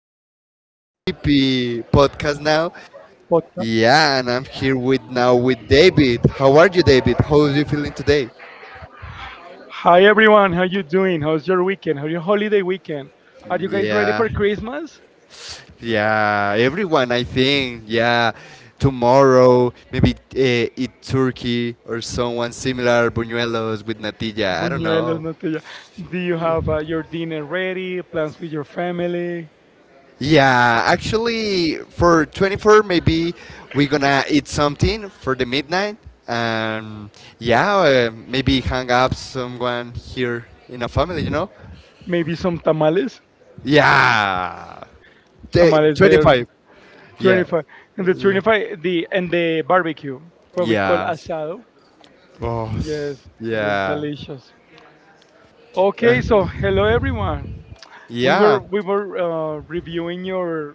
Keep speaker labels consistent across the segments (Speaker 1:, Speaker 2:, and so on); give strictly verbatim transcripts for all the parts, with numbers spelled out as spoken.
Speaker 1: uh, in T P podcast now.
Speaker 2: Podcast.
Speaker 1: Yeah, and I'm here with now with David. How are you, David? How are you feeling today?
Speaker 2: Hi everyone, how you doing? How's your weekend? How's your holiday weekend? Are you guys ready
Speaker 1: Yeah,
Speaker 2: for Christmas?
Speaker 1: yeah. Everyone, I think. Yeah, tomorrow maybe uh, eat turkey or someone similar, buñuelos with natilla. I don't
Speaker 2: Buñuelos,
Speaker 1: know.
Speaker 2: natilla. Do you have uh, your dinner ready? Plans with your family?
Speaker 1: Yeah, actually, for twenty-four, maybe we're gonna eat something for the midnight. Um, yeah, uh, maybe hang up someone here in a family, you know?
Speaker 2: Maybe some tamales.
Speaker 1: Yeah, T-
Speaker 2: Tamales there,
Speaker 1: twenty-five. Yeah,
Speaker 2: twenty-fifth, and the
Speaker 1: yeah,
Speaker 2: twenty-fifth, the and the barbecue, what we call asado.
Speaker 1: oh,
Speaker 2: Yes, this is
Speaker 1: yeah,
Speaker 2: delicious.
Speaker 1: Uh,
Speaker 2: Okay, so hello everyone. We were
Speaker 1: yeah.
Speaker 2: we were uh, reviewing your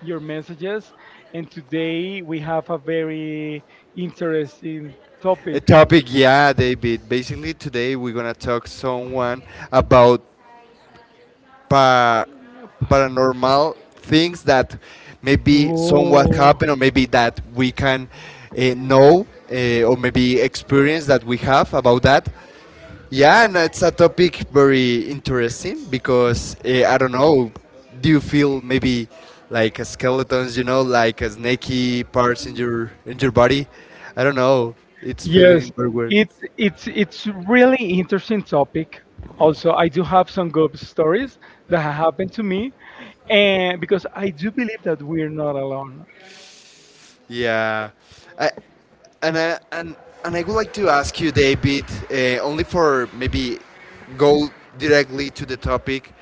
Speaker 2: your messages. And today we have a very interesting
Speaker 1: A
Speaker 2: topic.
Speaker 1: topic, yeah, David. Basically, today we're gonna talk someone about pa paranormal things that maybe somewhat
Speaker 2: Oh,
Speaker 1: happen or maybe that we can uh, know uh, or maybe experience that we have about that. Yeah, and it's a topic very interesting because uh, I don't know. Do you feel maybe like a skeletons, you know, like a snaky parts in your in your body? I don't know. It's
Speaker 2: yes.
Speaker 1: feeling very weird.
Speaker 2: It's it's it's really interesting topic. Also, I do have some good stories that have happened to me, and because I do believe that we're not alone.
Speaker 1: Yeah, I, And I, and and I would like to ask you, David, uh, only for maybe go directly to the topic.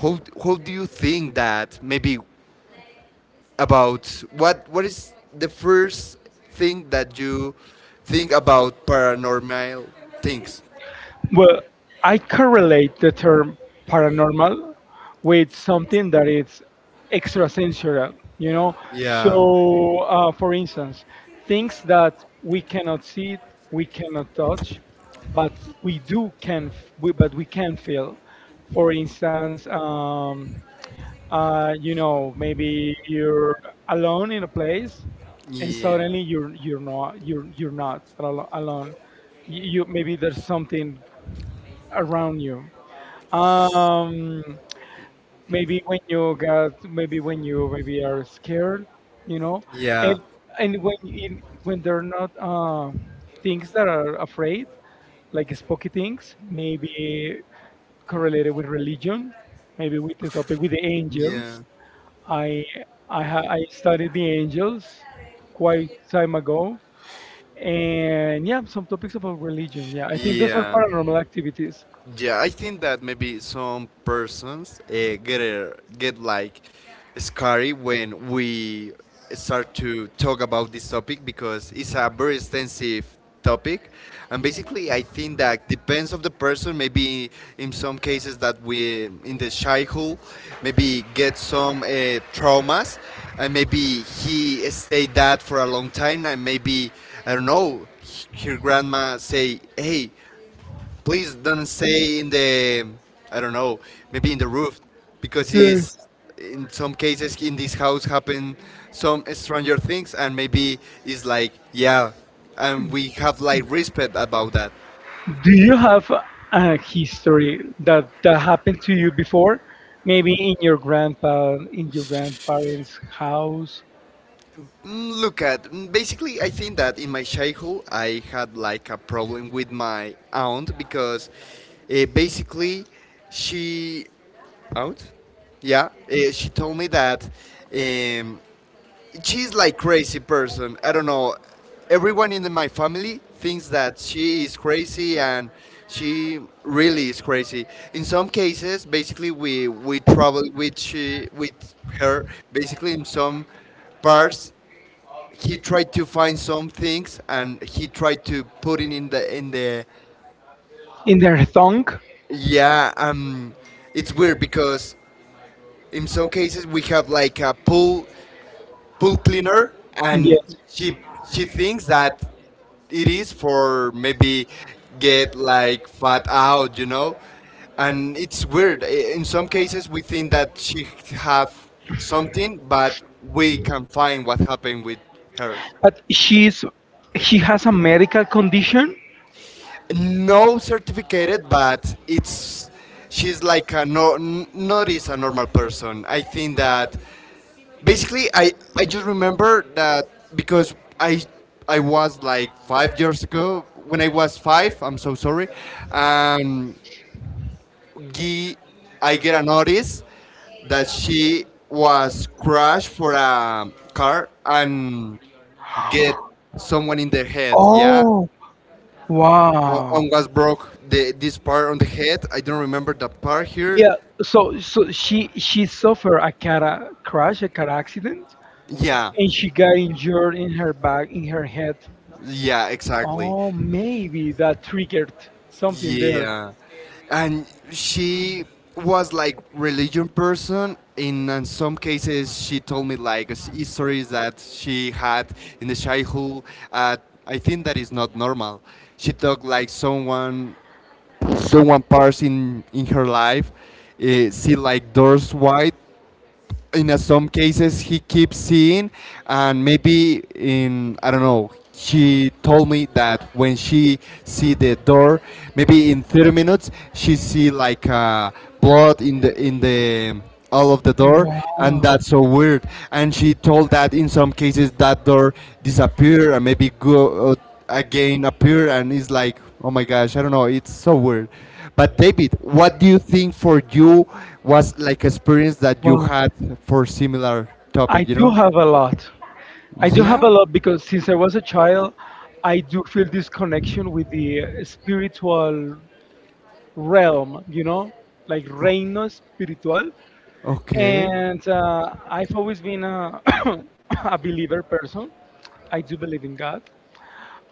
Speaker 1: How how do you think that maybe about what what is the first thing that you think about paranormal things?
Speaker 2: Well, I correlate the term paranormal with something that is extrasensorial, you know.
Speaker 1: Yeah,
Speaker 2: So, uh, for instance, things that we cannot see, we cannot touch, but we do can, f- we, but we can feel. For instance, um, uh, you know, maybe you're alone in a place, and
Speaker 1: yeah,
Speaker 2: suddenly you're you're not you're you're not alo- alone. You, you maybe there's something around you. Um, maybe when you got, maybe when you maybe are scared, you know, and
Speaker 1: yeah,
Speaker 2: and when in, when they're not uh, things that are afraid, like spooky things, maybe correlated with religion, maybe with the topic with the angels.
Speaker 1: yeah,
Speaker 2: I I ha- I studied the angels quite time ago, and yeah, some topics about religion. Yeah, I think those are
Speaker 1: yeah.
Speaker 2: paranormal activities.
Speaker 1: Yeah, I think that maybe some persons uh, get uh, get like scary when we start to talk about this topic because it's a very extensive topic, and basically I think that depends of the person. Maybe in some cases that we in the childhood maybe get some uh, traumas, and maybe he stayed that for a long time. And maybe, I don't know, her grandma say, hey, please don't stay in the, I don't know, maybe in the roof, because
Speaker 2: Yeah.
Speaker 1: it's, in some cases in this house happen some stranger things, and maybe it's like, yeah, and we have like respect about that.
Speaker 2: Do you have a history that that happened to you before? Maybe in your grandpa, in your grandparents' house.
Speaker 1: Mm, look at, mm, basically, I think that in my childhood I had like a problem with my aunt because uh, basically she, aunt? Yeah, uh, she told me that. Um, she's like crazy person. I don't know. Everyone in my family thinks that she is crazy, and she really is crazy. In some cases, basically we we travel with she with her. Basically, in some parts, he tried to find some things, and he tried to put it in the in the
Speaker 2: There. In their song.
Speaker 1: Yeah. Um, it's weird because in some cases we have like a pool pool cleaner, and she she thinks that it is for maybe get like fat out, you know. And it's weird. I- In some cases, we think that she have something, but we can find what happened with her.
Speaker 2: But she's she has a medical condition. No, it.
Speaker 1: No certificated, but it's, she's like a no n- not is a normal person. I think that basically I, I just remember that because I I was like five years ago when I was five. I'm so sorry. um, Gee, I get a notice that she was crashed for a car and get someone in the head, yeah.
Speaker 2: Oh,
Speaker 1: O-
Speaker 2: wow.
Speaker 1: on was broke the, this part on the head. I don't remember that part here.
Speaker 2: Yeah, so so she she suffered a car crash, a car accident,
Speaker 1: Yeah,
Speaker 2: and she got injured in her back, in her head.
Speaker 1: yeah, exactly.
Speaker 2: Oh, maybe that triggered something there.
Speaker 1: Yeah. And she was like religion person. In, in some cases, she told me like s- stories that she had in the childhood. Uh, I think that is not normal. She talked like someone, someone parts in in her life. Uh, see like doors wide in uh, some cases he keeps seeing, and maybe in, I don't know, she told me that when she see the door, maybe in thirty minutes she see like uh, blood in the in the all of the door. And
Speaker 2: Wow.
Speaker 1: that's so weird. And she told that in some cases that door disappear and maybe go uh, again appear, and it's like, oh my gosh, I don't know, it's so weird. But David, what do you think for you was like experience that you
Speaker 2: Well,
Speaker 1: had for similar
Speaker 2: I
Speaker 1: topic, you
Speaker 2: do
Speaker 1: know?
Speaker 2: have a lot. I do have
Speaker 1: Yeah.
Speaker 2: a lot because since I was a child, I do feel this connection with the spiritual realm, you know, like reino espiritual.
Speaker 1: Okay.
Speaker 2: And uh, I've always been a, a believer person. I do believe in God.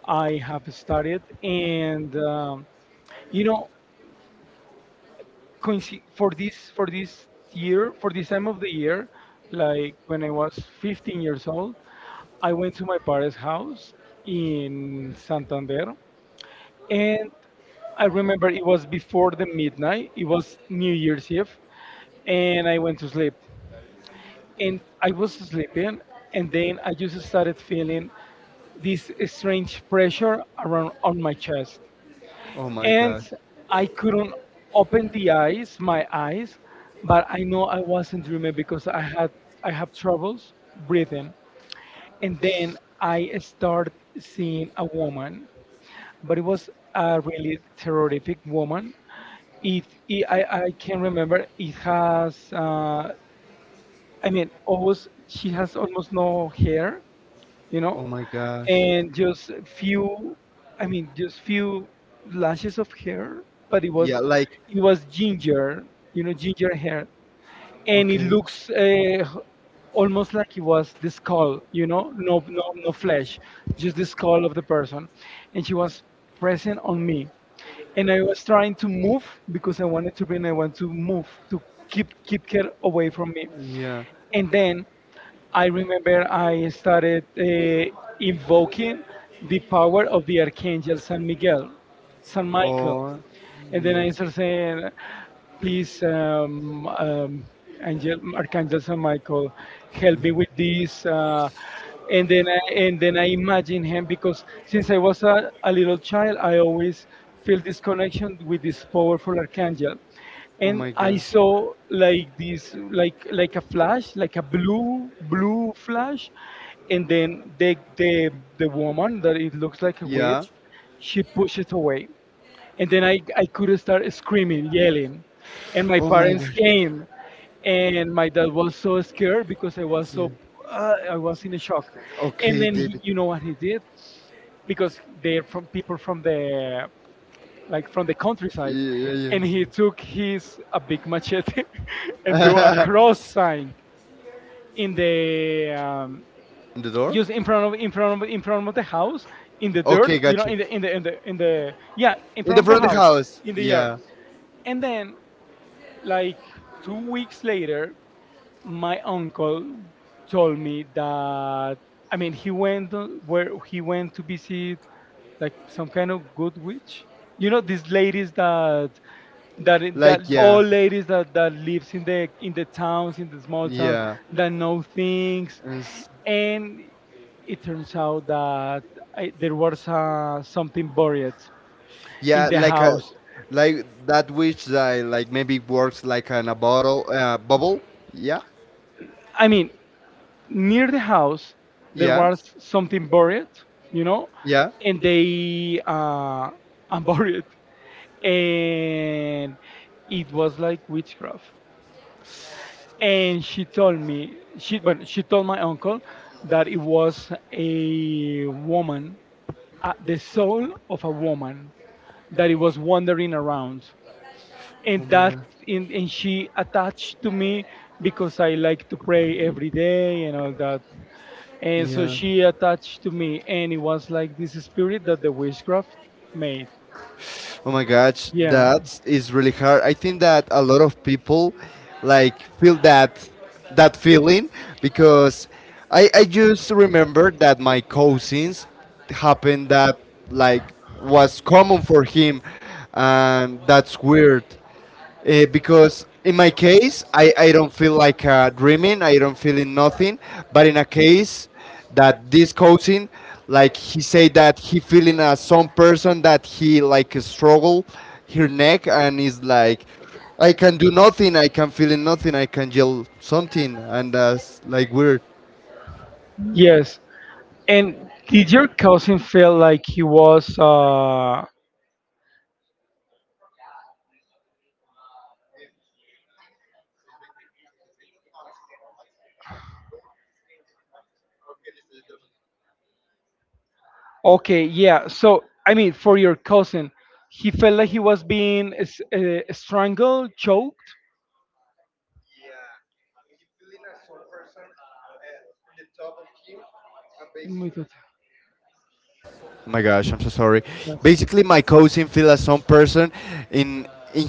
Speaker 2: I have studied, and um, you know, coinci- for this for this year, for this time of the year, like when I was fifteen years old, I went to my parents' house in Santander, and I remember it was before the midnight. It was New Year's Eve, and I went to sleep. And I was sleeping, and then I just started feeling this strange pressure around on my chest,
Speaker 1: Oh my
Speaker 2: and
Speaker 1: god.
Speaker 2: I couldn't open the eyes, my eyes, but I know I wasn't dreaming because I had I have troubles breathing, and then I started seeing a woman, but it was a really terrific woman. It, it I I can remember it has uh, I mean almost she has almost no hair, you know,
Speaker 1: Oh my gosh.
Speaker 2: and just few i mean just few lashes of hair, but it was
Speaker 1: Yeah, like
Speaker 2: it was ginger, you know, ginger hair, and it
Speaker 1: okay.
Speaker 2: looks uh, almost like it was the skull, you know, no no no flesh, just the skull of the person. And she was present on me, and I was trying to move because I wanted to bring I want to move to keep keep her away from me.
Speaker 1: Yeah.
Speaker 2: And then I remember I started uh, invoking the power of the Archangel San Miguel, San Michael.
Speaker 1: Oh,
Speaker 2: And then
Speaker 1: yeah.
Speaker 2: I sort of say, please, um, um, Angel, Archangel San Michael, help me with this. Uh, and then I, and then I imagine him because since I was a, a little child, I always feel this connection with this powerful archangel.
Speaker 1: Oh
Speaker 2: And
Speaker 1: my
Speaker 2: I
Speaker 1: gosh.
Speaker 2: saw like this like like a flash, like a blue blue flash. And then the the the woman that it looks like a
Speaker 1: Yeah.
Speaker 2: witch, she pushed it away. And then I, I could start screaming, yelling, and my
Speaker 1: Oh my father
Speaker 2: parents
Speaker 1: gosh.
Speaker 2: came. And my dad was so scared because I was so uh, I was in a shock. And
Speaker 1: Okay,
Speaker 2: then he,
Speaker 1: David.
Speaker 2: you know what he did, because they're from people from the, like from the
Speaker 1: Like, yeah,
Speaker 2: countryside,
Speaker 1: yeah, yeah.
Speaker 2: and he took his a big machete and do a cross sign in the um,
Speaker 1: In the door?
Speaker 2: just in front of in front of in front of the house, in the dirt,
Speaker 1: Okay,
Speaker 2: you
Speaker 1: got
Speaker 2: know,
Speaker 1: you. In
Speaker 2: in
Speaker 1: the,
Speaker 2: the in the in the in the yeah in front of the
Speaker 1: front of the
Speaker 2: house,
Speaker 1: house.
Speaker 2: in the yard.
Speaker 1: Yeah.
Speaker 2: And then like two weeks later, my uncle told me that, I mean, he went on- where he went to visit like some kind of good witch. You know these ladies that that that
Speaker 1: Like, yeah.
Speaker 2: all ladies that that lives in the in the towns, in the small towns,
Speaker 1: Yeah.
Speaker 2: that know things. And it turns out that I, there was uh, something buried in
Speaker 1: Yeah,
Speaker 2: the
Speaker 1: like a
Speaker 2: house.
Speaker 1: like that which that like maybe works like in a bottle uh, bubble. Yeah,
Speaker 2: I mean, near the house there was something buried, you know,
Speaker 1: yeah,
Speaker 2: and they uh, unburied, and it was like witchcraft. And she told me, she but she told my uncle that it was a woman, uh, the soul of a woman, that it was wandering around. And that and, and she attached to me because I like to pray every day and all that. And so
Speaker 1: yeah,
Speaker 2: she attached to me, and it was like this spirit that the witchcraft made.
Speaker 1: yeah. Oh my gosh,
Speaker 2: Yeah,
Speaker 1: that is really hard. I think that a lot of people like feel that that feeling because I, I just remember that my cousins happened that, like, was common for him, and that's weird uh, because in my case, I, I don't feel like uh, dreaming, I don't feel in nothing. But in a case that this coaching, like he said that he feeling uh, some person that he like struggle her neck, and is like, I can do nothing, I can feel in nothing, I can yell something, and that's like weird.
Speaker 2: yes. And did your cousin feel like he was uh okay, yeah. So, I mean, for your cousin, he felt like he was being s- uh, strangled, choked? My God.
Speaker 1: Oh my gosh, I'm so sorry.
Speaker 2: Yes,
Speaker 1: Basically, my cousin feel as some person in in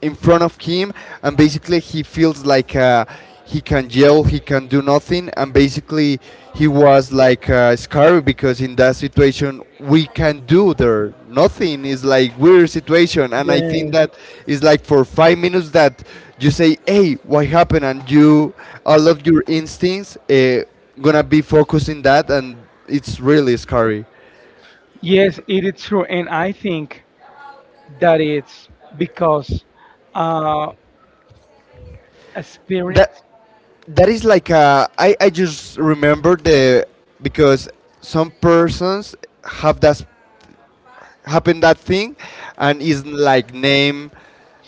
Speaker 1: in front of him, and basically he feels like uh, he can yell, he can do nothing, and basically he was like uh, scared because in that situation we can do there nothing. It's like weird situation, and I think
Speaker 2: yes,
Speaker 1: that is like for five minutes that you say, "Hey, what happened?" And you, all of your instincts uh, gonna be focusing that, and it's really scary.
Speaker 2: yes, it is true, and I think that it's because uh, a spirit.
Speaker 1: That that is like a, I, I just remember the, because some persons have that, happen that thing, and is like name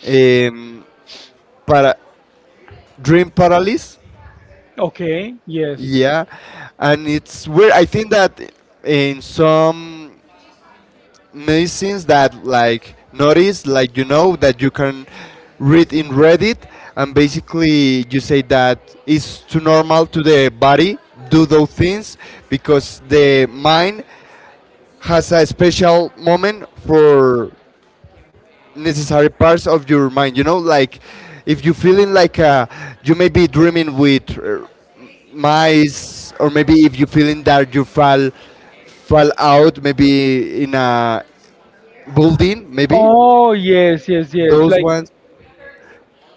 Speaker 1: um, para, dream paralysis,
Speaker 2: Okay, yes.
Speaker 1: yeah. And it's where I think that in some medicines that like notice, like, you know, that you can read in Reddit, and basically you say that it's too normal to the body do those things because the mind has a special moment for necessary parts of your mind. You know, like if you feeling like uh, you may be dreaming with uh, mice, or maybe if you feeling that you fall fall out maybe in a building, maybe
Speaker 2: Oh, yes, yes, yes.
Speaker 1: those
Speaker 2: Like,
Speaker 1: ones.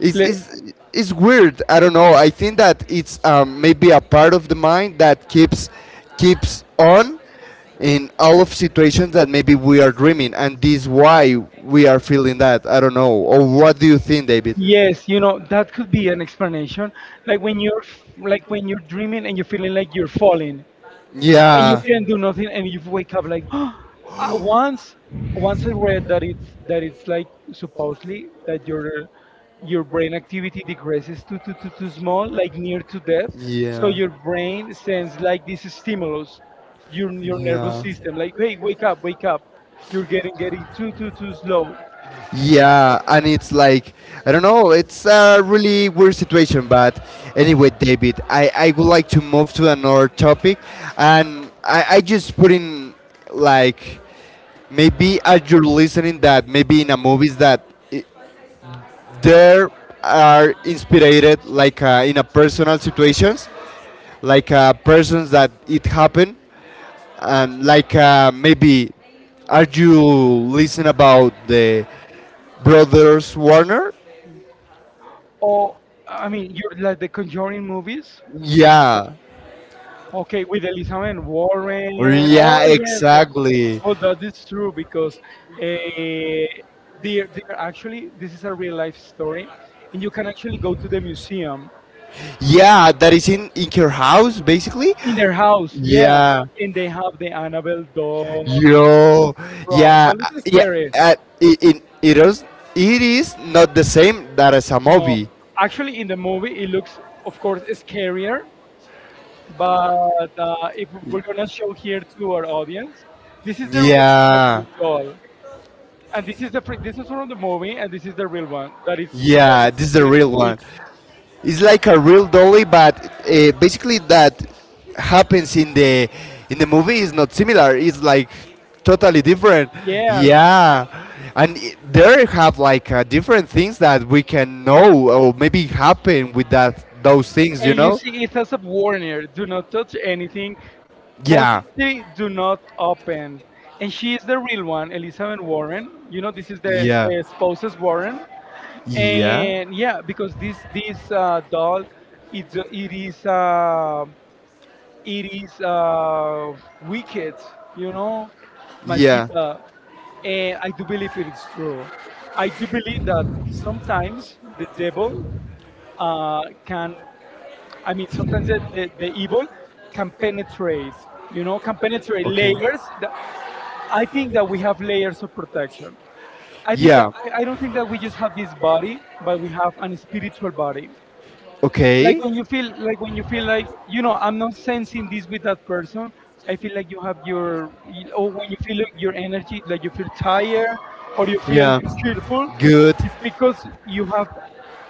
Speaker 1: It's
Speaker 2: like,
Speaker 1: it's it's weird, I don't know, I think that it's um, maybe a part of the mind that keeps keeps on in all of situations that maybe we are dreaming, and this why we are feeling that. I don't know, or what do you think, David?
Speaker 2: yes, you know, that could be an explanation. Like when you're, f- like when you're dreaming and you're feeling like you're falling. And you
Speaker 1: Yeah,
Speaker 2: can do nothing and you wake up like Uh, once once I read that it's that it's like supposedly that your your brain activity decreases to too, too, too small, like near to death. So
Speaker 1: yeah,
Speaker 2: your brain sends like this stimulus, your your nervous
Speaker 1: yeah.
Speaker 2: system, like hey wake up, wake up, you're getting getting too too too slow.
Speaker 1: Yeah, and it's like, I don't know. It's a really weird situation, but anyway, David, I I would like to move to another topic, and I I just put in like, maybe as you're listening that maybe in a movies that, I, there are inspired like uh, in a personal situations, like uh, persons that it happened, and like uh, maybe are you listening about the brothers Warner?
Speaker 2: Or, I mean, you're like the Conjuring movies,
Speaker 1: Yeah.
Speaker 2: okay, with Elizabeth
Speaker 1: Or
Speaker 2: Warren. Oh,
Speaker 1: yeah,
Speaker 2: yes, yes.
Speaker 1: exactly.
Speaker 2: Well, that is true because uh, they're, they're actually, this is a real life story, and you can actually go to the museum
Speaker 1: Yeah, that is in in your house basically.
Speaker 2: in their house, yeah,
Speaker 1: Yeah.
Speaker 2: and they have the Annabelle doll.
Speaker 1: Yo.
Speaker 2: Bro, that
Speaker 1: Yeah. uh,
Speaker 2: looks
Speaker 1: yeah.
Speaker 2: scary.
Speaker 1: Uh, it, it, it is, it is not the same that as a
Speaker 2: No,
Speaker 1: movie.
Speaker 2: actually, in the movie, it looks, of course, scarier, but uh, if we're gonna show here to our audience, this is the real
Speaker 1: Yeah.
Speaker 2: Annabelle doll, and this is the fr- this is from the movie, and this is the real one that it's
Speaker 1: Yeah, this is the
Speaker 2: uh,
Speaker 1: real one.
Speaker 2: it's-
Speaker 1: It's like a real dolly, but uh, basically that happens in the in the movie is not similar. It's like totally different.
Speaker 2: yeah.
Speaker 1: Yeah, and I- there have like uh, different things that we can know or maybe happen with that those things. You
Speaker 2: And you
Speaker 1: know?
Speaker 2: see it, as a Warner, do not touch anything,
Speaker 1: Yeah,
Speaker 2: possibly do not open. And she is the real one, Elizabeth Warren. You know, this is the,
Speaker 1: yeah,
Speaker 2: the spouses Warren.
Speaker 1: yeah,
Speaker 2: And yeah, because this this uh, doll, it, it is uh, it is uh, wicked, you know,
Speaker 1: yeah.
Speaker 2: maldita. And I do believe it is true. I do believe that sometimes the devil uh, can, I mean, sometimes the, the, the evil can penetrate, you know, can penetrate
Speaker 1: Okay.
Speaker 2: layers. That, I think that we have layers of protection. I think that
Speaker 1: Yeah.
Speaker 2: I I don't think that we just have this body, but we have an spiritual body. Like
Speaker 1: Okay.
Speaker 2: when you feel like, when you feel like, you know, I'm not sensing this with that person. I feel like you have your, or when you feel like your energy, like you feel tired or you feel
Speaker 1: Yeah.
Speaker 2: cheerful,
Speaker 1: Good.
Speaker 2: because you have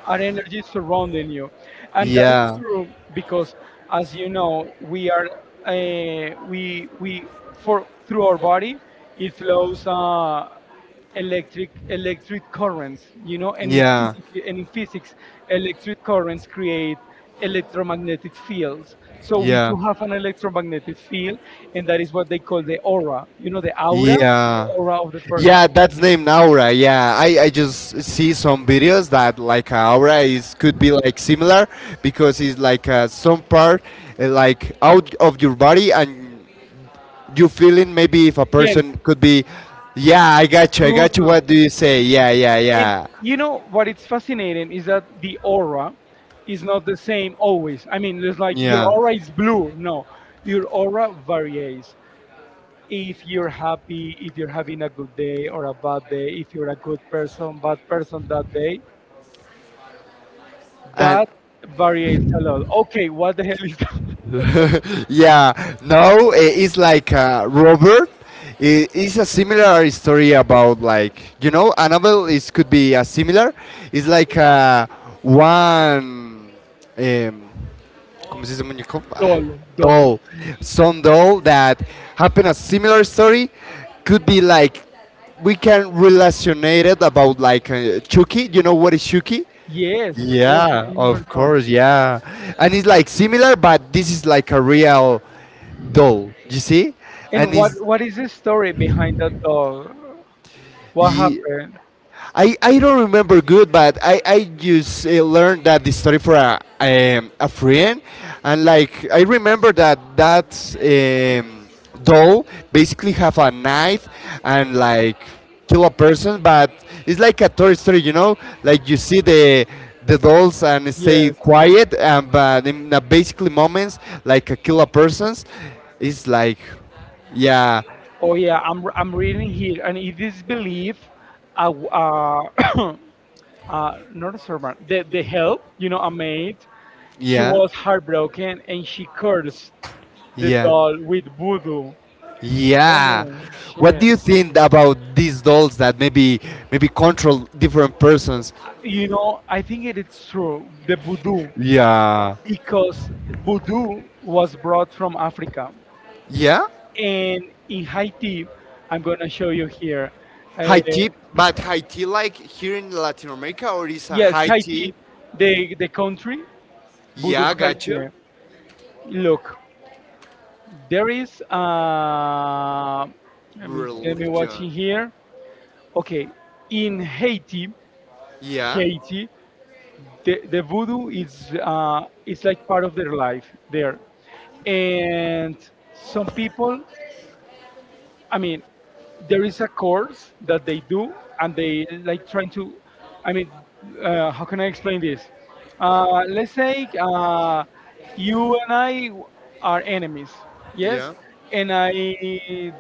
Speaker 2: an energy surrounding you, and that is
Speaker 1: Yeah.
Speaker 2: true. Because as you know, we are uh, we we for through our body it flows uh, electric electric currents, you know. And in,
Speaker 1: Yeah.
Speaker 2: physic- and in physics, electric currents create electromagnetic fields. So we
Speaker 1: Yeah.
Speaker 2: do have an electromagnetic field, and that is what they call the aura, you know, the aura,
Speaker 1: Yeah.
Speaker 2: aura of the person.
Speaker 1: Yeah, that's named Aura. Yeah, I, I just see some videos that like uh, Aura is could be like similar because it's like uh, some part uh, like out of your body, and you feeling maybe if a
Speaker 2: Yes.
Speaker 1: person could be. Yeah, I got you, I got you,
Speaker 2: Good.
Speaker 1: what do you say? Yeah, yeah,
Speaker 2: And
Speaker 1: yeah,
Speaker 2: you know what it's fascinating is that the aura is not the same always. I mean, it's like your
Speaker 1: yeah.
Speaker 2: aura is blue. No, your aura varies. If you're happy, if you're having a good day or a bad day, if you're a good person, bad person that day,
Speaker 1: And
Speaker 2: that variates a lot. Okay, what the hell is that?
Speaker 1: yeah, no, I- it's like uh, Robert, I- it's a similar story about, like, you know, a novel is could be a similar. It's like uh, one um, missus
Speaker 2: Doll? Doll.
Speaker 1: Oh, some doll that happened a similar story, could be like we can relationate it about like uh, Chucky. You know what is Chucky?
Speaker 2: Yes, of course, I
Speaker 1: Yeah,
Speaker 2: remember
Speaker 1: of
Speaker 2: doll.
Speaker 1: course, yeah. And it's like similar, but this is like a real doll. You see?
Speaker 2: And
Speaker 1: And
Speaker 2: what
Speaker 1: it's,
Speaker 2: what is the story behind that doll? What happened?
Speaker 1: I, I don't remember good, but I, I just uh, learned that the story for a, um, a friend. And like, I remember that that um, doll basically have a knife and like kill a person, but it's like a Toy Story, you know? Like you see the the dolls and
Speaker 2: Yeah.
Speaker 1: stay quiet, and but in the basically moments, like a kill a persons, it's like, yeah,
Speaker 2: Oh yeah, I'm I'm reading here, and it is believed, uh, w- uh, uh not a servant, the the help, you know, a maid. She
Speaker 1: yeah,
Speaker 2: was heartbroken and she cursed the
Speaker 1: yeah.
Speaker 2: doll with voodoo. Oh
Speaker 1: Yeah.
Speaker 2: no,
Speaker 1: What
Speaker 2: shit.
Speaker 1: do you think about these dolls that maybe maybe control different persons?
Speaker 2: You know, I think it is true, the voodoo,
Speaker 1: Yeah.
Speaker 2: because voodoo was brought from Africa,
Speaker 1: Yeah?
Speaker 2: and in Haiti, I'm gonna show you here. Uh,
Speaker 1: High tea, but high tea like here in Latin America, or is a
Speaker 2: yes,
Speaker 1: high
Speaker 2: Haiti,
Speaker 1: tea?
Speaker 2: the the country, voodoo
Speaker 1: Yeah, gotcha.
Speaker 2: Haiti. Look. There is uh, let me let me watch
Speaker 1: Religion.
Speaker 2: in here. Okay, in Haiti,
Speaker 1: Yeah.
Speaker 2: Haiti, the, the voodoo is uh, it's like part of their life there, and some people. I mean, there is a course that they do, and they like trying to, I mean, uh, how can I explain this? Uh, let's say, uh, you and I w- are enemies, yes,
Speaker 1: Yeah.
Speaker 2: and I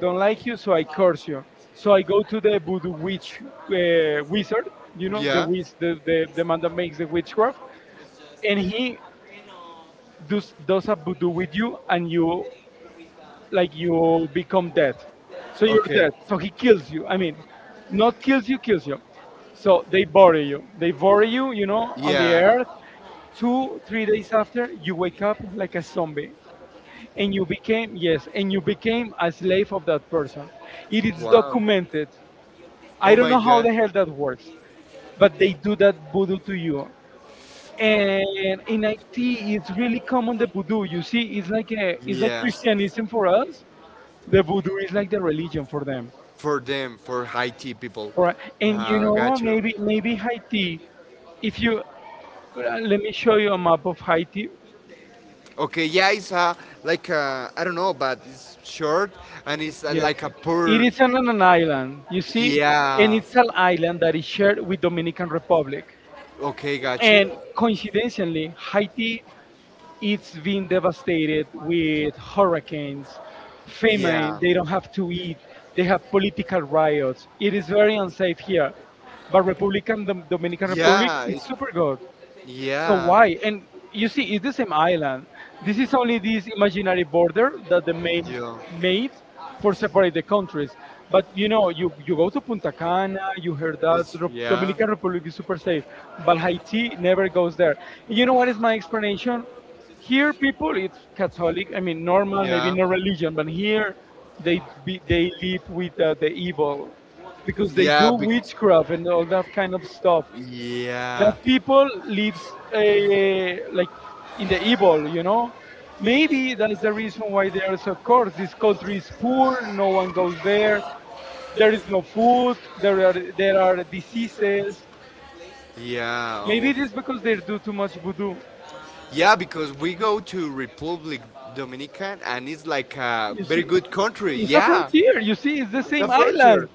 Speaker 2: don't like you, so I curse you. So I go to the voodoo witch, uh, wizard, you know, the,
Speaker 1: Yeah.
Speaker 2: wiz- the the the man that makes the witchcraft. And he does does a voodoo with you, and you, like, you become dead. So you're
Speaker 1: Okay.
Speaker 2: dead. So he kills you. I mean, not kills you, kills you. So they bury you. They bury you, you know, on the
Speaker 1: Yeah.
Speaker 2: earth. Two, three days after, you wake up like a zombie. And you became, yes, and you became a slave of that person. It is
Speaker 1: Wow.
Speaker 2: documented.
Speaker 1: I,
Speaker 2: I
Speaker 1: oh
Speaker 2: don't
Speaker 1: my
Speaker 2: know how
Speaker 1: god.
Speaker 2: the hell
Speaker 1: It.
Speaker 2: that works, but they do that voodoo to you. And in it, it's really common, the voodoo. You see, it's like a,
Speaker 1: For
Speaker 2: it's like
Speaker 1: yeah.
Speaker 2: Christianism for us, the voodoo is like the religion for them.
Speaker 1: For them, for Haiti people.
Speaker 2: Right. And you
Speaker 1: Uh,
Speaker 2: know,
Speaker 1: got you.
Speaker 2: maybe maybe Haiti, if you, uh, let me show you a map of Haiti.
Speaker 1: Okay, yeah, it's uh, like, I I don't know, but it's short, and it's uh,
Speaker 2: Yeah.
Speaker 1: like a
Speaker 2: It
Speaker 1: poor.
Speaker 2: is
Speaker 1: It's a, and
Speaker 2: on an island, you see, and
Speaker 1: yeah, it's
Speaker 2: it's an
Speaker 1: a,
Speaker 2: island that is shared with Dominican Republic.
Speaker 1: okay, got you,
Speaker 2: And
Speaker 1: and
Speaker 2: coincidentally, Haiti, it's been devastated with hurricanes,
Speaker 1: famous,
Speaker 2: famine,
Speaker 1: yeah.
Speaker 2: they don't have to eat, they have political riots. It is very unsafe here. But Republican Dom- Dominican Republic,
Speaker 1: Yeah, it's
Speaker 2: it's super good. So
Speaker 1: yeah,
Speaker 2: why? And you see, it's the same island. This is only this imaginary border that the main
Speaker 1: yeah,
Speaker 2: made for separate the countries. But you know, you, you go to Punta Cana, you heard that
Speaker 1: it's
Speaker 2: Rep-
Speaker 1: yeah,
Speaker 2: Dominican Republic is super safe, but Haiti never goes there. You know what is my explanation? Here, people, it's Catholic. I mean, normal, maybe
Speaker 1: yeah,
Speaker 2: no religion, but here they be, they live with uh, the evil, because they do
Speaker 1: yeah, bec
Speaker 2: witchcraft and all that kind of stuff, that
Speaker 1: yeah,
Speaker 2: people lives, uh, like, in the evil you know Maybe that's the reason why they are so coarse. This country is poor, no one goes there, there is no food, there are there are diseases.
Speaker 1: yeah,
Speaker 2: Maybe
Speaker 1: oh.
Speaker 2: it is because they do too much voodoo.
Speaker 1: yeah, Because we go to Republic Dominican and it's like a
Speaker 2: You
Speaker 1: very
Speaker 2: see,
Speaker 1: good country.
Speaker 2: it's a
Speaker 1: Yeah,
Speaker 2: frontier, you see, it's the
Speaker 1: it's a
Speaker 2: same island.
Speaker 1: frontier,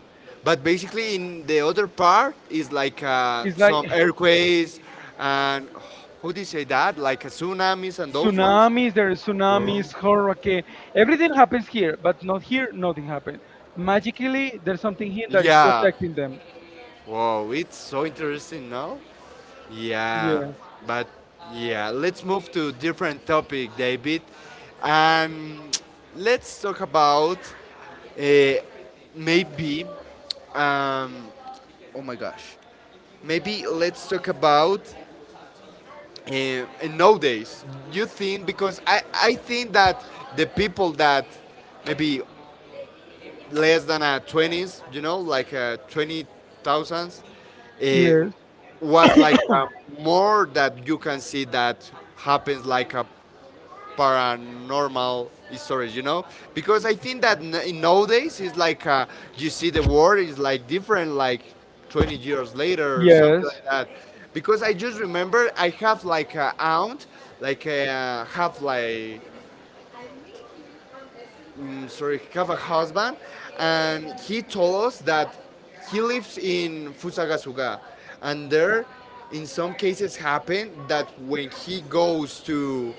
Speaker 1: but basically in the other part is like uh,
Speaker 2: It's like
Speaker 1: some earthquakes and oh, how do you say that? Like uh, tsunamis and those ones.
Speaker 2: tsunamis, there are
Speaker 1: Yeah.
Speaker 2: tsunamis, hurricane. Everything happens here, but not here, nothing happened. Magically, there's something here that is
Speaker 1: Yeah.
Speaker 2: protecting them.
Speaker 1: Wow, it's so interesting now. Yeah,
Speaker 2: Yes.
Speaker 1: but yeah, let's move to different topic, David. Um, let's talk about uh, maybe. Um, oh my gosh, maybe let's talk about uh, uh, nowadays. You think because I I think that the people that maybe less than a twenties, you know, like uh, twenty thousands, uh,
Speaker 2: Yes.
Speaker 1: was like uh, more that you can see that happens like a paranormal stories, you know? Because I think that n- nowadays it's like uh, you see the world is like different, like twenty years later or something like that. Because I just remember I have like a aunt, like uh, have like mm, sorry, have a husband, and he told us that he lives in Fusagasugá, and there, in some cases, happen that when he goes to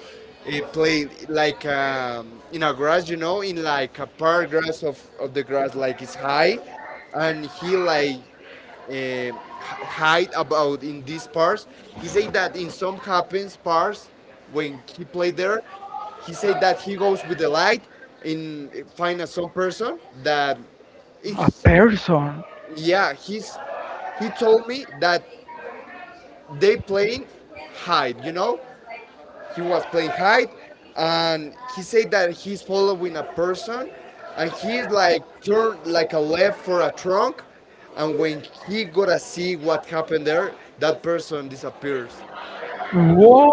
Speaker 1: eh, play like um, in a grass, you know, in like a park grass of, of the grass, like it's high, and he like uh, hide about in these parts. He said that in some happens parts when he played there, he said that he goes with the light and find a some person that, it,
Speaker 2: A person.
Speaker 1: yeah, he's he told me that they playing hide, you know, he was playing hide, and he said that he's following a person, and he like turned like a left for a trunk, and when he gotta see what happened there, that person disappears.
Speaker 2: Whoa.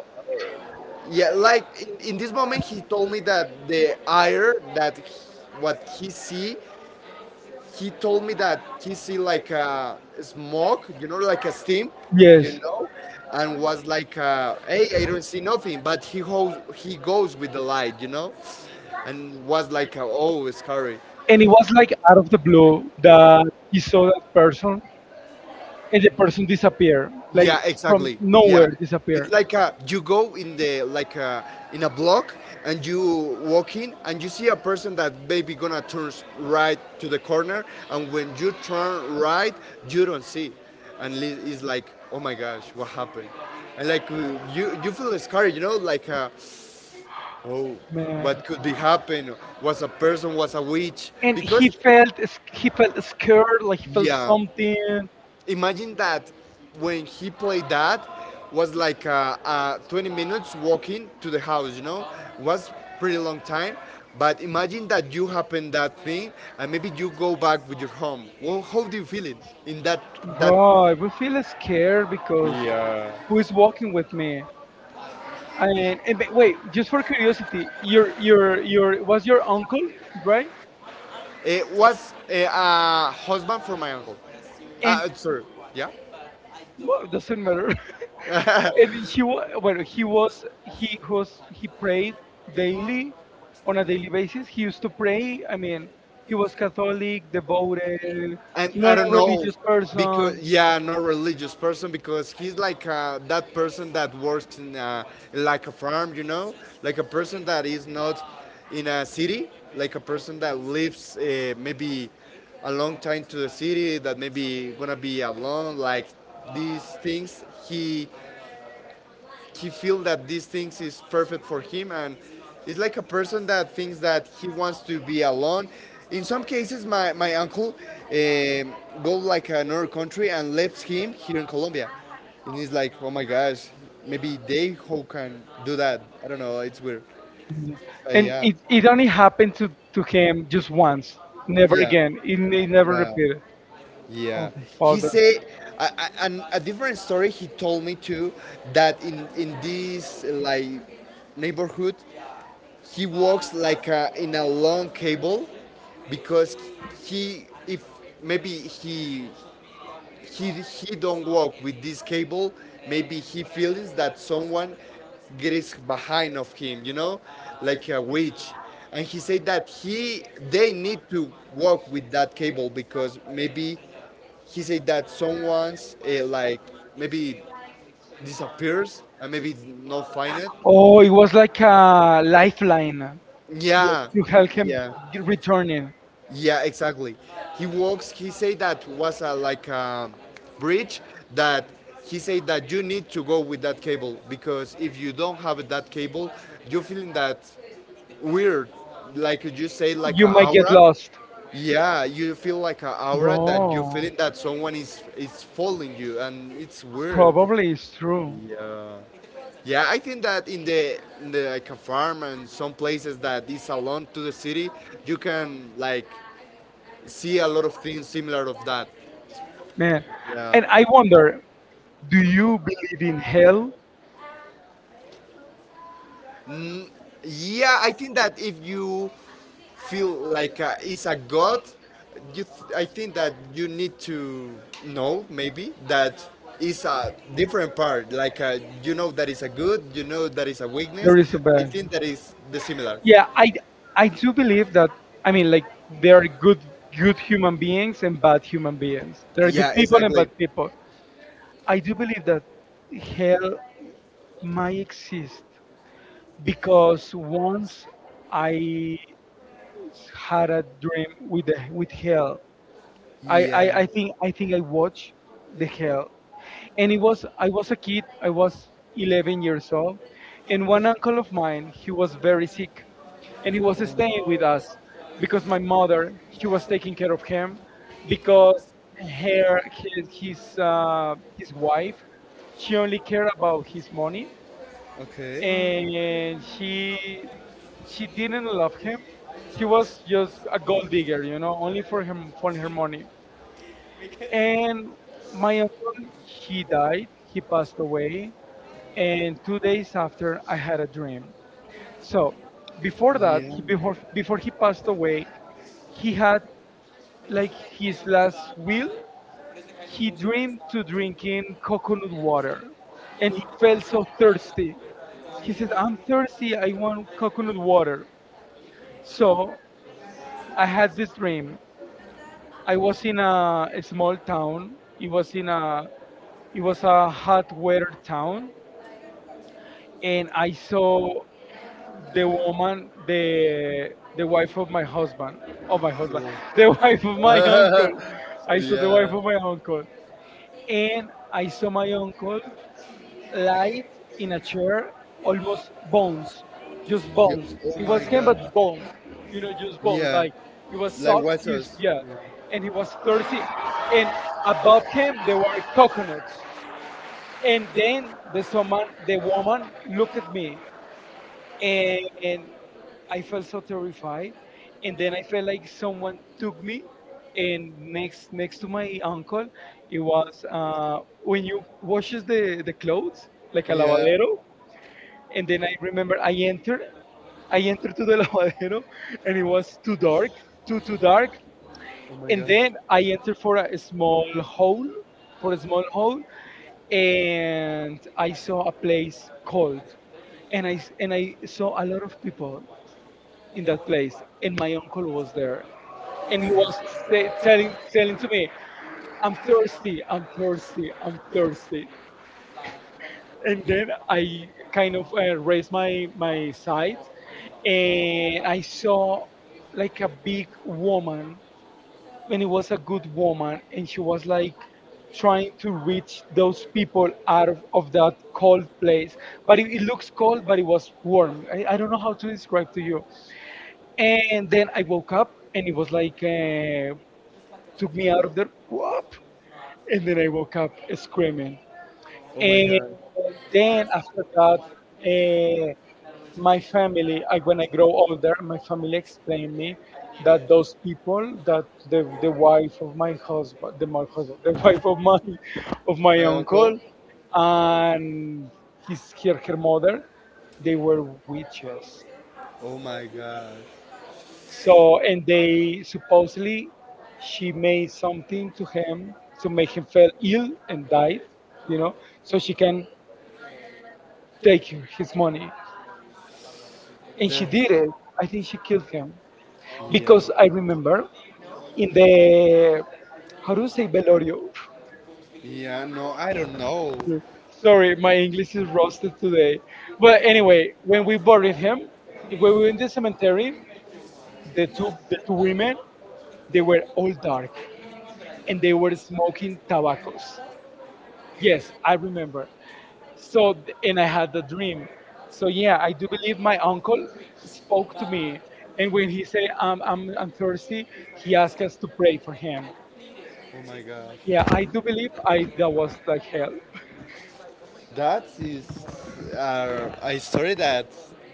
Speaker 1: Yeah, like in, in this moment, he told me that the air that he- what he see he told me that he see like a smoke, you know, like a steam, you
Speaker 2: Yes.
Speaker 1: know, and was like, uh, hey, I don't see nothing, but he goes, he goes with the light, you know, and was like, uh, oh, it's scary.
Speaker 2: And it was like out of the blue that he saw that person, and the person disappeared, like
Speaker 1: Yeah,
Speaker 2: from
Speaker 1: exactly. Yeah,
Speaker 2: nowhere
Speaker 1: it's
Speaker 2: disappeared.
Speaker 1: like uh you go in the like a, in a block and you walk in and you see a person that maybe gonna turn s- right to the corner, and when you turn right you don't see, and li- it's like oh my gosh what happened, and like you you you feel scared, you know, like uh, oh
Speaker 2: Man.
Speaker 1: what could be happen, was a person was a witch
Speaker 2: And
Speaker 1: because
Speaker 2: he felt s- he felt scared, like he felt
Speaker 1: yeah.
Speaker 2: something.
Speaker 1: Imagine that when he played that was like uh, uh, twenty minutes walking to the house. You know, it was pretty long time. But imagine that you happen that thing, and maybe you go back with your home. Well, how do you feel it in that that?
Speaker 2: Bro, I would feel scared, because
Speaker 1: Yeah.
Speaker 2: who is walking with me? And, and but wait, just for curiosity, your your your was your uncle, right?
Speaker 1: It was a uh, husband for my uncle.
Speaker 2: And
Speaker 1: Uh, sorry, yeah.
Speaker 2: well, it doesn't matter. and he was well, he was he was he prayed daily, on a daily basis. He used to pray. I mean, he was Catholic, devoted,
Speaker 1: and Not I
Speaker 2: not
Speaker 1: a don't
Speaker 2: a
Speaker 1: know religious
Speaker 2: religious
Speaker 1: person. Because
Speaker 2: person.
Speaker 1: yeah, not religious person because he's like uh, that person that works in a, like a farm, you know, like a person that is not in a city, like a person that lives uh, maybe a long time to the city that maybe gonna be alone, like these things. He he feels that these things is perfect for him and it's like a person that thinks that he wants to be alone. In some cases, my, my uncle eh, go like another country and left him here in Colombia. And he's like, oh my gosh, maybe they who can do that. I don't know, it's weird. But
Speaker 2: And
Speaker 1: yeah,
Speaker 2: it, it only happened to, to him just once, never
Speaker 1: yeah,
Speaker 2: again. It, ne- never
Speaker 1: yeah.
Speaker 2: repeated.
Speaker 1: Yeah,
Speaker 2: Okay. Well,
Speaker 1: he said, I, I, and a different story he told me too, that in in this like neighborhood he walks like uh in a long cable because he if
Speaker 2: the-
Speaker 1: maybe he he he don't walk with this cable maybe he feels that someone gets behind of him, you know, like a witch. And he said that he they need to walk with that cable because maybe he said that someone's uh, like maybe disappears and maybe not find it.
Speaker 2: Oh, it was like a lifeline, yeah,
Speaker 1: Yeah.
Speaker 2: to help him
Speaker 1: Yeah.
Speaker 2: g- return it.
Speaker 1: Yeah, exactly. He walks. He said that was a like a bridge that he said that you need to go with that cable because if you don't have that cable, you're feeling that weird, like you say, like
Speaker 2: You
Speaker 1: an
Speaker 2: might get
Speaker 1: aura.
Speaker 2: lost.
Speaker 1: Yeah, you feel like an aura that you're
Speaker 2: Bro,
Speaker 1: feeling that someone is is following you, and it's weird.
Speaker 2: probably it's true.
Speaker 1: Yeah. Yeah, I think that in the, in the like a farm and some places that is alone to the city, you can like see a lot of things similar of that.
Speaker 2: Man, and I
Speaker 1: Yeah.
Speaker 2: wonder, do you believe in hell?
Speaker 1: Yeah, I think that if you feel like uh, it's a god, you th- I think that you need to know maybe that is a different part. Like uh, you know that is a good, you know that is a weakness.
Speaker 2: There is a
Speaker 1: And I
Speaker 2: bad.
Speaker 1: think that is the similar.
Speaker 2: Yeah, i i do believe that, I mean, like, there are good good human beings and bad human beings, there are good
Speaker 1: Yeah,
Speaker 2: people and
Speaker 1: exactly.
Speaker 2: bad people. I do believe that hell might exist, because once I had a dream with the, with hell. I, I
Speaker 1: Yeah.
Speaker 2: i think i think i watched the hell. And it was, i was a kid i was eleven years old. And one uncle of mine, he was very sick, and he was staying with us because my mother, she was taking care of him, because her his his, uh, his wife, she only cared about his money,
Speaker 1: Okay.
Speaker 2: and she she didn't love him. He was just a gold digger, you know, only for him for her money. And my uncle, he died, he passed away. And two days after, I had a dream. So, before that,
Speaker 1: Yeah.
Speaker 2: he, before before he passed away, he had, like, his last will, he dreamed to drinking coconut water, and he felt so thirsty. He said, "I'm thirsty. I want coconut water." So I had this dream. I was in a, a small town. It was in a it was a hot weather town, and I saw the woman, the the wife of my husband, of my husband, the wife of my
Speaker 1: Yeah.
Speaker 2: uncle. I saw the wife
Speaker 1: yeah.
Speaker 2: of my uncle, and I saw my uncle light in a chair, almost bones, just
Speaker 1: Yeah.
Speaker 2: bones.
Speaker 1: Oh
Speaker 2: It
Speaker 1: my
Speaker 2: was him, but
Speaker 1: God. Like,
Speaker 2: bones, you know, just bones.
Speaker 1: yeah.
Speaker 2: Like, he was
Speaker 1: Like, it
Speaker 2: soaked,
Speaker 1: like, yeah.
Speaker 2: he's yeah,
Speaker 1: Yeah.
Speaker 2: and he was thirsty, and above him there were coconuts. And then the someone, the woman looked at me, and, and I felt so terrified. And then I felt like someone took me, and next next to my uncle, it was, uh, when you washes the the clothes, like a
Speaker 1: Yeah.
Speaker 2: lavadero. And then I remember I entered, I entered to the lavadero, and it was too dark, too too dark.
Speaker 1: Oh my
Speaker 2: And then I entered for a small hole, for a small hole, and I saw a place cold, and I s- and I saw a lot of people in that place, and my uncle was there, and he was say, telling telling to me, "I'm thirsty, I'm thirsty, I'm thirsty," and then I kind of, uh, raised my my sight, and I saw, like, a big woman, and it was a good woman, and she was, like, trying to reach those people out of, of that cold place. But it, it looks cold, but it was warm. I, I don't know how to describe to you. And then I woke up, and it was like, uh, took me out of there, whoop, and then I woke up screaming. And then after that, uh, my family I, when I grow older, my family explained me that those people, that the, the wife of my husband, the my husband, the wife of my of my
Speaker 1: uncle, uncle?
Speaker 2: uncle and his her, her mother, they were witches.
Speaker 1: Oh my god.
Speaker 2: So, and they supposedly, she made something to him to make him feel ill and died, you know so she can take his money.
Speaker 1: And
Speaker 2: And she did it, I think she killed him.
Speaker 1: it yeah.
Speaker 2: Because I remember in the, how do you say, Velorio?
Speaker 1: Yeah, no, I don't know.
Speaker 2: Sorry, my English is roasted today. But anyway, when we buried him, when we were in the cemetery, the two the two women, they were all dark, and they were smoking tobaccos. Yes, I remember. So, and I had the dream. So yeah, I do believe my uncle spoke to me, and when he said, "I'm I'm I'm thirsty," he asked us to pray for him.
Speaker 1: Oh my gosh.
Speaker 2: Yeah, I do believe I that was like hell.
Speaker 1: That is uh, a story that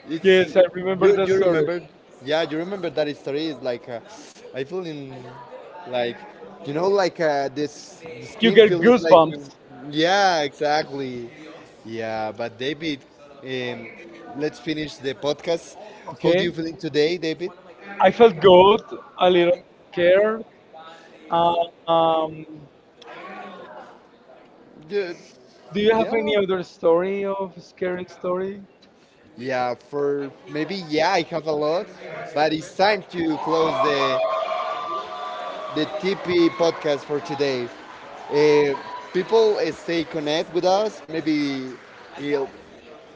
Speaker 1: it's
Speaker 2: Yes, I remember
Speaker 1: you
Speaker 2: that
Speaker 1: you
Speaker 2: story.
Speaker 1: remember, yeah, you remember that story is like uh, I feel in like you know like uh, this the you
Speaker 2: You
Speaker 1: skin get
Speaker 2: get
Speaker 1: feels like
Speaker 2: goosebumps.
Speaker 1: goosebumps. Yeah, exactly. Yeah, but David, um, let's finish the podcast. How do you
Speaker 2: Okay,
Speaker 1: feeling today, David?
Speaker 2: I felt good, a little scared. Uh, um,
Speaker 1: Ju-
Speaker 2: do you
Speaker 1: yeah
Speaker 2: have any
Speaker 1: lot of-
Speaker 2: other story, of scary story?
Speaker 1: yeah, for maybe yeah I have a lot, but it's time to close the the T P podcast for today. Uh, People uh, stay connect with us, maybe you know,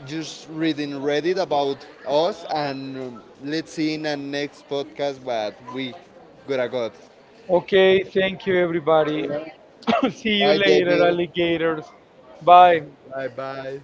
Speaker 1: just reading Reddit about us, and um, let's see in the next podcast what we gonna got.
Speaker 2: Okay, thank you everybody. See
Speaker 1: Bye,
Speaker 2: you later,
Speaker 1: David.
Speaker 2: alligators. Bye.
Speaker 1: Bye bye.